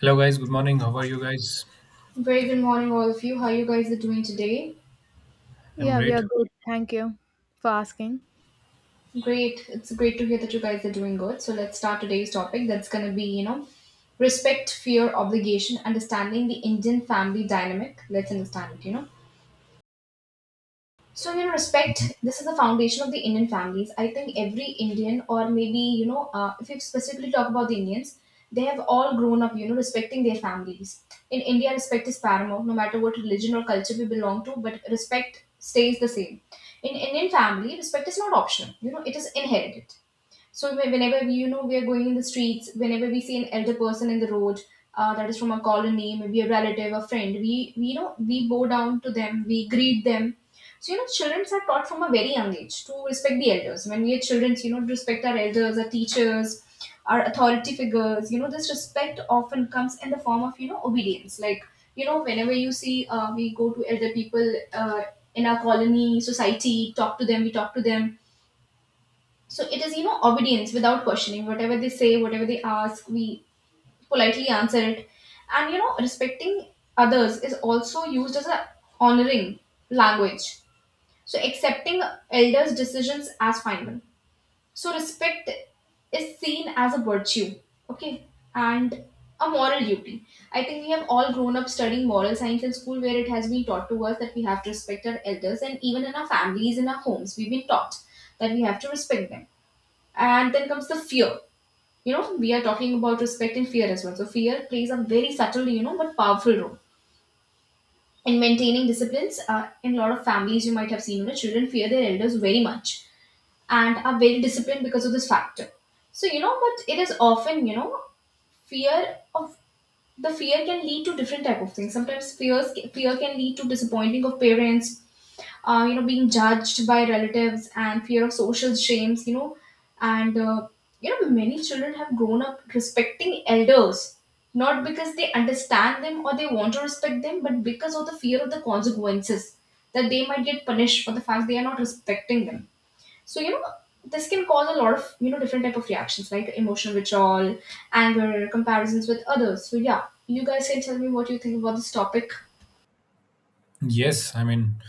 Hello, guys. Good morning. How are you guys? Very good morning, all of you. How you guys are doing today? I'm Yeah, we great. are good. Thank you for asking. Great. It's great to hear that you guys are doing good. So let's start today's topic. That's gonna be, you know, respect, fear, obligation, understanding the Indian family dynamic. Let's understand it. Mhm. Respect, this is the foundation of the Indian families. I think every Indian, or maybe, you know, if you specifically talk about the Indians, they have all grown up, you know, respecting their families. In India, respect is paramount, no matter what religion or culture we belong to, but respect stays the same. In Indian family, respect is not optional, you know, it is inherited. So whenever we, you know, we are going in the streets, whenever we see an elder person in the road, that is from a colony, maybe a relative, a friend, we you know, we bow down to them, we greet them. So you know, children are taught from a very young age to respect the elders. When we are children, you know, to respect our elders, our teachers, our authority figures. You know, this respect often comes in the form of you know obedience. Like you know, whenever you see, we go to elder people in our colony, society, talk to them, we talk to them, so it is, you know, obedience without questioning. Whatever they say, whatever they ask, we politely answer it. And, you know, respecting others is also used as a honoring language. So accepting elders' decisions as final. So respect is seen as a virtue, okay, and a moral duty. I think we have all grown up studying moral science in school where it has been taught to us that we have to respect our elders, and even in our families, in our homes, we've been taught that we have to respect them, and then comes the fear. You know, we are talking about respect and fear as well. So fear plays a very subtle, you know, but powerful role in maintaining disciplines. In a lot of families, you might have seen, you know, children fear their elders very much and are very disciplined because of this factor. So you know, but it is often, you know, fear of the fear can lead to different type of things. Sometimes fear can lead to disappointing of parents, you know, being judged by relatives and fear of social shames, you know, and you know, many children have grown up respecting elders not because they understand them or they want to respect them, but because of the fear of the consequences, that they might get punished for the fact they are not respecting them. So you know, this can cause a lot of you know different type of reactions like emotional withdrawal, anger, comparisons with others. So yeah, you guys can tell me what you think about this topic. Yes, I mean,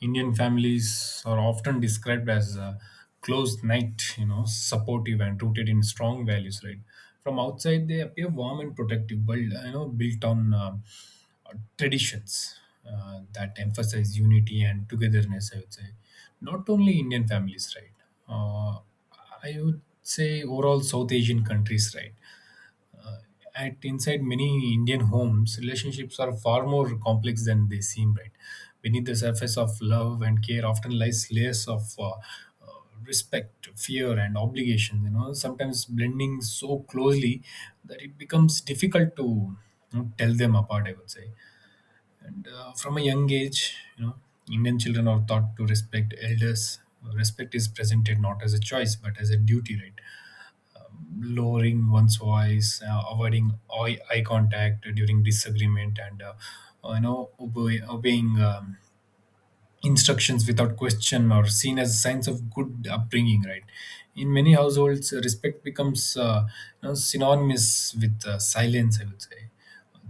Indian families are often described as a closed night, you know, supportive and rooted in strong values, right? From outside, they appear warm and protective, but, you know, built on traditions that emphasize unity and togetherness, I would say. Not only Indian families, right? Uh, I would say overall South Asian countries, right? Uh, at inside many Indian homes, relationships are far more complex than they seem. Right beneath the surface of love and care, often lies layers of respect, fear, and obligation. You know, sometimes blending so closely that it becomes difficult to you know, tell them apart. I would say, and from a young age, you know, Indian children are taught to respect elders. Respect is presented not as a choice but as a duty, right? Lowering one's voice, avoiding eye contact during disagreement, and you know obeying. Instructions without question or seen as signs of good upbringing, right? In many households, respect becomes you know, synonymous with silence, I would say.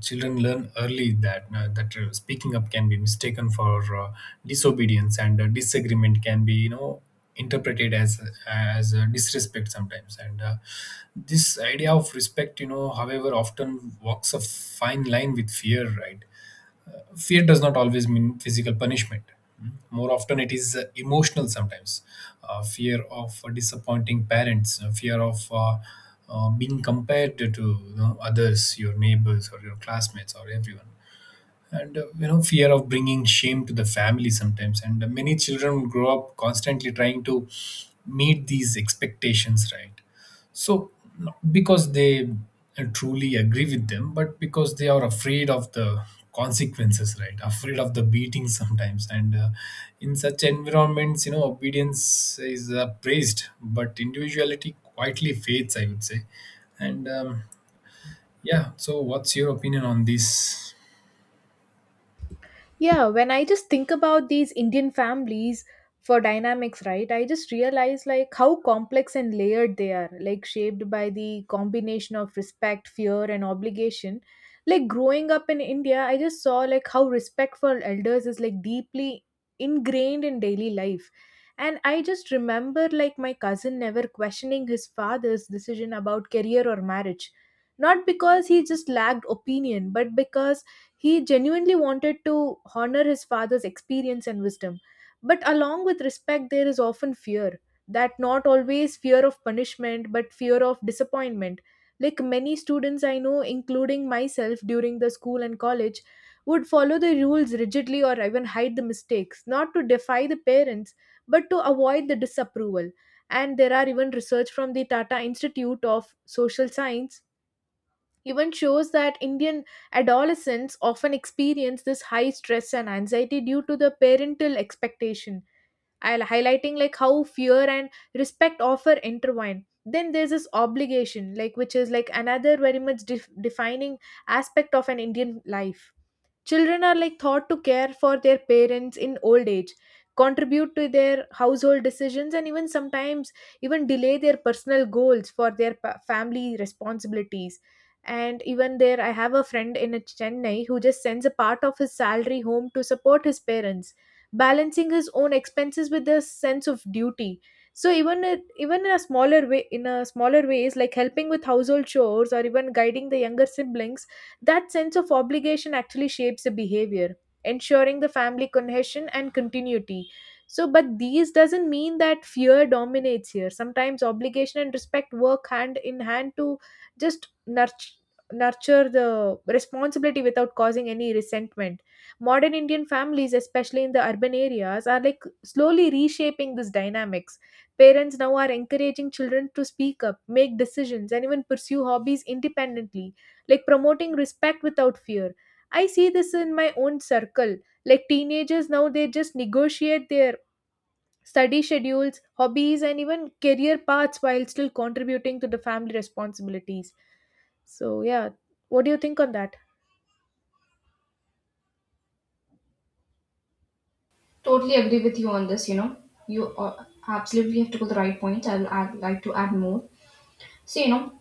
Children learn early that speaking up can be mistaken for disobedience, and disagreement can be, you know, interpreted as disrespect sometimes, and this idea of respect, you know, however, often walks a fine line with fear, right? Fear does not always mean physical punishment. More often, it is emotional sometimes. Fear of disappointing parents, fear of being compared to, you know, others, your neighbors, or your classmates, or everyone, and you know, fear of bringing shame to the family sometimes, and many children grow up constantly trying to meet these expectations, right? So not because they truly agree with them, but because they are afraid of the consequences, right? Afraid of the beating sometimes, and in such environments, you know, obedience is praised, but individuality quietly fades, I would say. And Yeah, so what's your opinion on this? Yeah, when I just think about these Indian families for dynamics, right, I just realize like how complex and layered they are, like shaped by the combination of respect, fear, and obligation. Like growing up in India, I just saw like how respect for elders is like deeply ingrained in daily life. And I just remember like my cousin never questioning his father's decision about career or marriage. Not because he just lacked opinion, but because he genuinely wanted to honor his father's experience and wisdom. But along with respect, there is often fear that not always fear of punishment, but fear of disappointment. Like many students I know, including myself during the school and college, would follow the rules rigidly or even hide the mistakes, not to defy the parents, but to avoid the disapproval. And there are even research from the Tata Institute of Social Science even shows that Indian adolescents often experience this high stress and anxiety due to the parental expectation, I'll highlighting like how fear and respect often intertwine. Then there's this obligation, like which is like another very much defining aspect of an Indian life. Children are like thought to care for their parents in old age, contribute to their household decisions, and even sometimes even delay their personal goals for their family responsibilities. And even there, I have a friend in Chennai who just sends a part of his salary home to support his parents, balancing his own expenses with a sense of duty. So even it, even in a smaller way, in a smaller ways, like helping with household chores or even guiding the younger siblings, that sense of obligation actually shapes the behavior, ensuring the family cohesion and continuity. So, but these doesn't mean that fear dominates here. Sometimes obligation and respect work hand in hand to just nurture the responsibility without causing any resentment. Modern Indian families, especially in the urban areas, are like slowly reshaping this dynamics. Parents now are encouraging children to speak up, make decisions, and even pursue hobbies independently, like promoting respect without fear. I see this in my own circle, like teenagers now, they just negotiate their study schedules, hobbies, and even career paths while still contributing to the family responsibilities. So yeah, what do you think on that? Totally agree with you on this. You know, you absolutely have to go the right point. I will add, like to add more. So you know,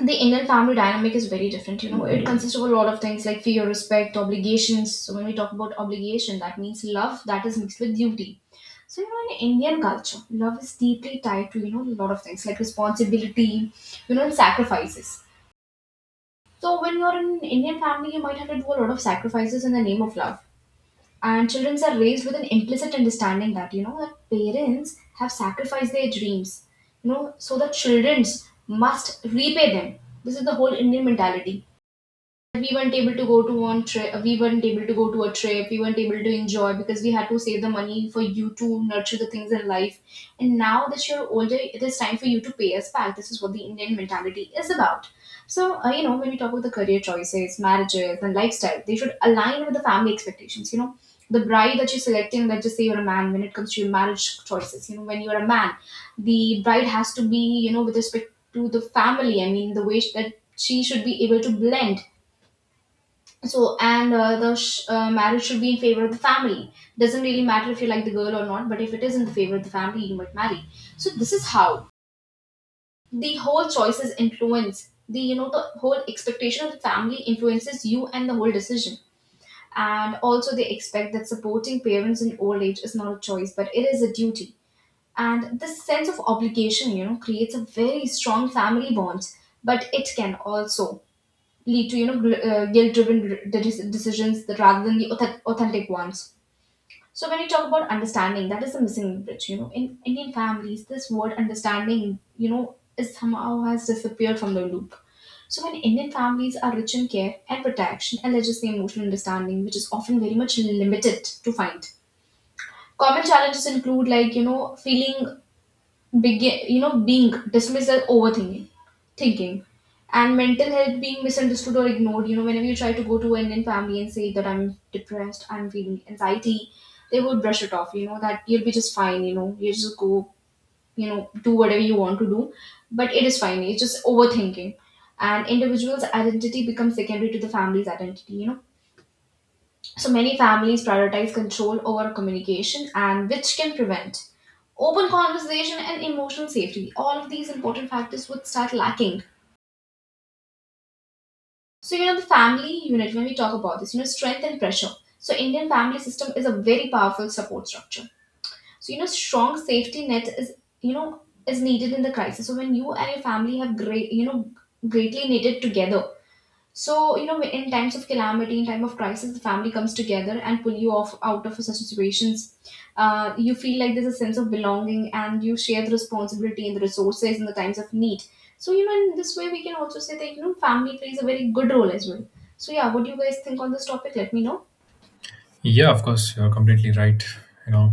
the Indian family dynamic is very different. You know, it consists of a lot of things like fear, respect, obligations. So when we talk about obligation, that means love that is mixed with duty. So you know, in Indian culture, love is deeply tied to you know a lot of things like responsibility, you know, and sacrifices. So when you're in an Indian family, you might have to do a lot of sacrifices in the name of love. And children are raised with an implicit understanding that you know that parents have sacrificed their dreams, you know, so that children must repay them. This is the whole Indian mentality. We weren't able to go to one trip, we weren't able to go to a trip, we weren't able to enjoy because we had to save the money for you to nurture the things in life, and now that you're older, it is time for you to pay us back. This is what the Indian mentality is about. So you know, when we talk about the career choices, marriages, and lifestyle, they should align with the family expectations, you know. The bride that you're selecting, let's just say you're a man, when it comes to your marriage choices, you know, when you're a man, the bride has to be, you know, with respect to the family. I mean, the way that she should be able to blend. So and marriage should be in favor of the family. Doesn't really matter if you like the girl or not, but if it is in the favor of the family, you might marry. So this is how the whole choices influence the, you know, the whole expectation of the family influences you and the whole decision. And also they expect that supporting parents in old age is not a choice, but it is a duty. And this sense of obligation, you know, creates a very strong family bond, but it can also lead to you know guilt-driven decisions that rather than the authentic ones. So when you talk about understanding, that is the missing bridge. You know, in Indian families, this word understanding, you know, is somehow has disappeared from the loop. So when Indian families are rich in care and protection, and there's just the emotional understanding, which is often very much limited to find. Common challenges include like you know feeling begin you know being dismissed as overthinking thinking, and mental health being misunderstood or ignored. You know, whenever you try to go to an Indian family and say that I'm depressed, I'm feeling anxiety, they would brush it off, you know, that you'll be just fine, you know, you just go, you know, do whatever you want to do, but it is fine, it's just overthinking. And individual's identity becomes secondary to the family's identity, you know. So many families prioritize control over communication, and which can prevent open conversation and emotional safety. All of these important factors would start lacking. So you know the family unit, when we talk about this, you know strength and pressure. So Indian family system is a very powerful support structure. So you know strong safety net is, you know, is needed in the crisis. So when you and your family have great, you know, greatly knitted together. So, you know, in times of calamity, in time of crisis, the family comes together and pull you off out of such situations. You feel like there's a sense of belonging, and you share the responsibility and the resources in the times of need. So, you know, in this way, we can also say that, you know, family plays a very good role as well. So, yeah, what do you guys think on this topic? Let me know. Yeah, of course, you're completely right. You know,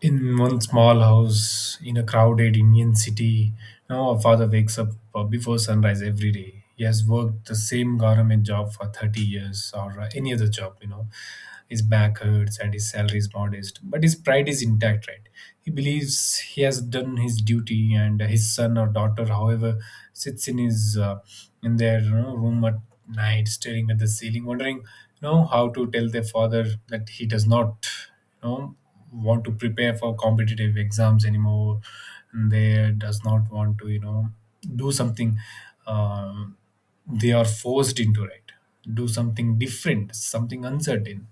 in one small house in a crowded Indian city. Now, our father wakes up before sunrise every day. He has worked the same government job for 30 years or any other job, you know. His back hurts and his salary is modest, but his pride is intact, right? He believes he has done his duty, and his son or daughter, however, sits in his in their, you know, room at night, staring at the ceiling, wondering, you know, how to tell their father that he does not, you know, want to prepare for competitive exams anymore, and they does not want to, you know, do something um, they are forced into, right? Do something different, something uncertain.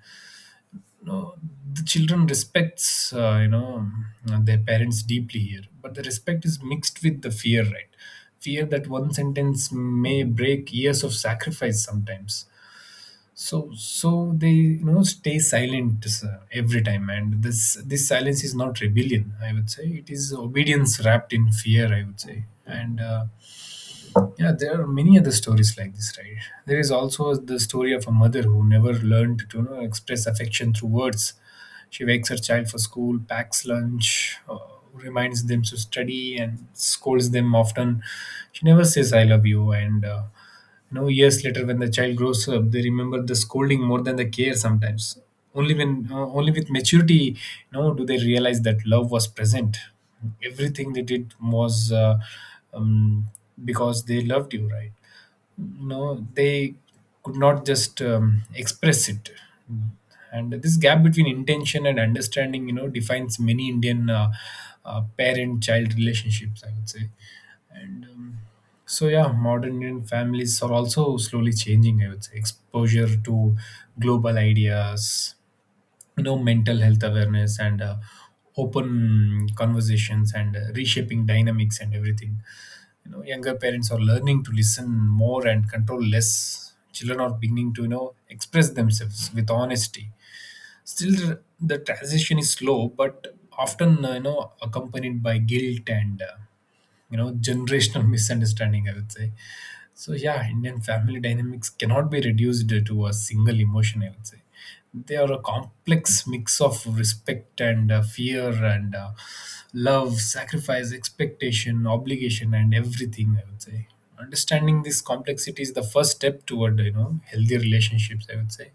No, the children respects you know, their parents deeply here, but the respect is mixed with the fear, right? Fear that one sentence may break years of sacrifice sometimes. So they, you know, stay silent, sir, every time, and this silence is not rebellion, I would say. It is obedience wrapped in fear, I would say, and yeah, there are many other stories like this, right? There is also the story of a mother who never learned to, you know, express affection through words. She wakes her child for school, packs lunch, reminds them to study, and scolds them often. She never says I love you, and no, years later, when the child grows up, they remember the scolding more than the care sometimes. Only when, only with maturity, you know, do they realize that love was present. Everything they did was um, because they loved you, right? No, they could not just express it. And this gap between intention and understanding, you know, defines many Indian parent child relationships, I would say. And So yeah, modern Indian families are also slowly changing, I would say. Exposure to global ideas, you know, mental health awareness and open conversations, and reshaping dynamics and everything. You know, younger parents are learning to listen more and control less. Children are beginning to, you know, express themselves with honesty. Still, the transition is slow, but often you know, accompanied by guilt and you know, generational misunderstanding, I would say. So yeah, Indian family dynamics cannot be reduced to a single emotion, I would say. They are a complex mix of respect and fear and love, sacrifice, expectation, obligation, and everything, I would say. Understanding this complexity is the first step toward, you know, healthy relationships, I would say.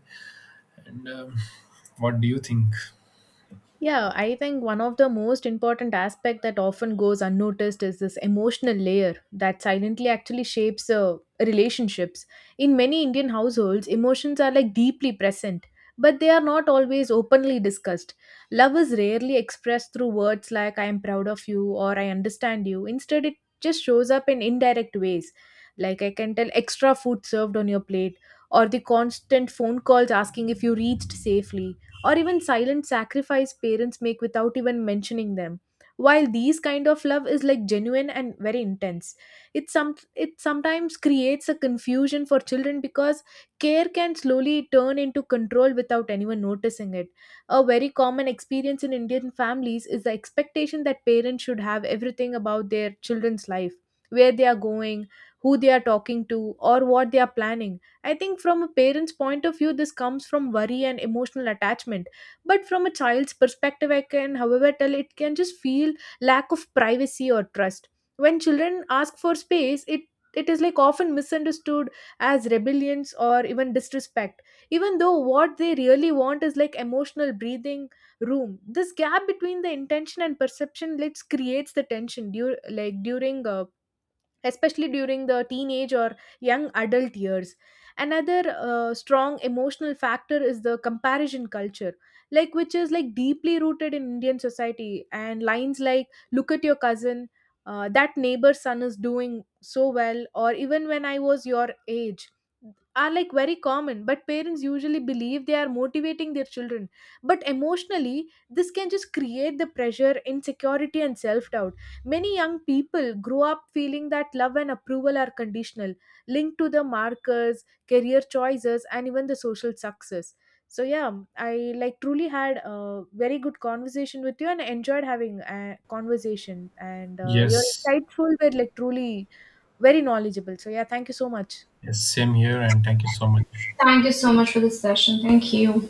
And What do you think? Yeah, I think one of the most important aspect that often goes unnoticed is this emotional layer that silently actually shapes relationships. In many Indian households, emotions are like deeply present, but they are not always openly discussed. Love is rarely expressed through words like I am proud of you or I understand you. Instead, it just shows up in indirect ways. Like I can tell extra food served on your plate, or the constant phone calls asking if you reached safely, or even silent sacrifice parents make without even mentioning them. While these kind of love is like genuine and very intense, it some it sometimes creates a confusion for children, because care can slowly turn into control without anyone noticing it. A very common experience in Indian families is the expectation that parents should have everything about their children's life, where they are going, who they are talking to, or what they are planning. I think from a parent's point of view, this comes from worry and emotional attachment. But from a child's perspective, I can, however, tell it can just feel lack of privacy or trust. When children ask for space, it is like often misunderstood as rebellions or even disrespect, even though what they really want is like emotional breathing room. This gap between the intention and perception let's creates the tension dur- like during especially during the teenage or young adult years. Another strong emotional factor is the comparison culture, like which is like deeply rooted in Indian society. And lines like "Look at your cousin," "That neighbor's son is doing so well," or even "When I was your age." are like very common, but parents usually believe they are motivating their children, but emotionally this can just create the pressure, insecurity, and self doubt. Many young people grow up feeling that love and approval are conditional, linked to the markers, career choices, and even the social success. So yeah, I like truly had a very good conversation with you and enjoyed having a conversation. And your Yes, insightful were like truly very knowledgeable. So yeah, thank you so much. yes, same here, and thank you so much. Thank you so much for this session. Thank you.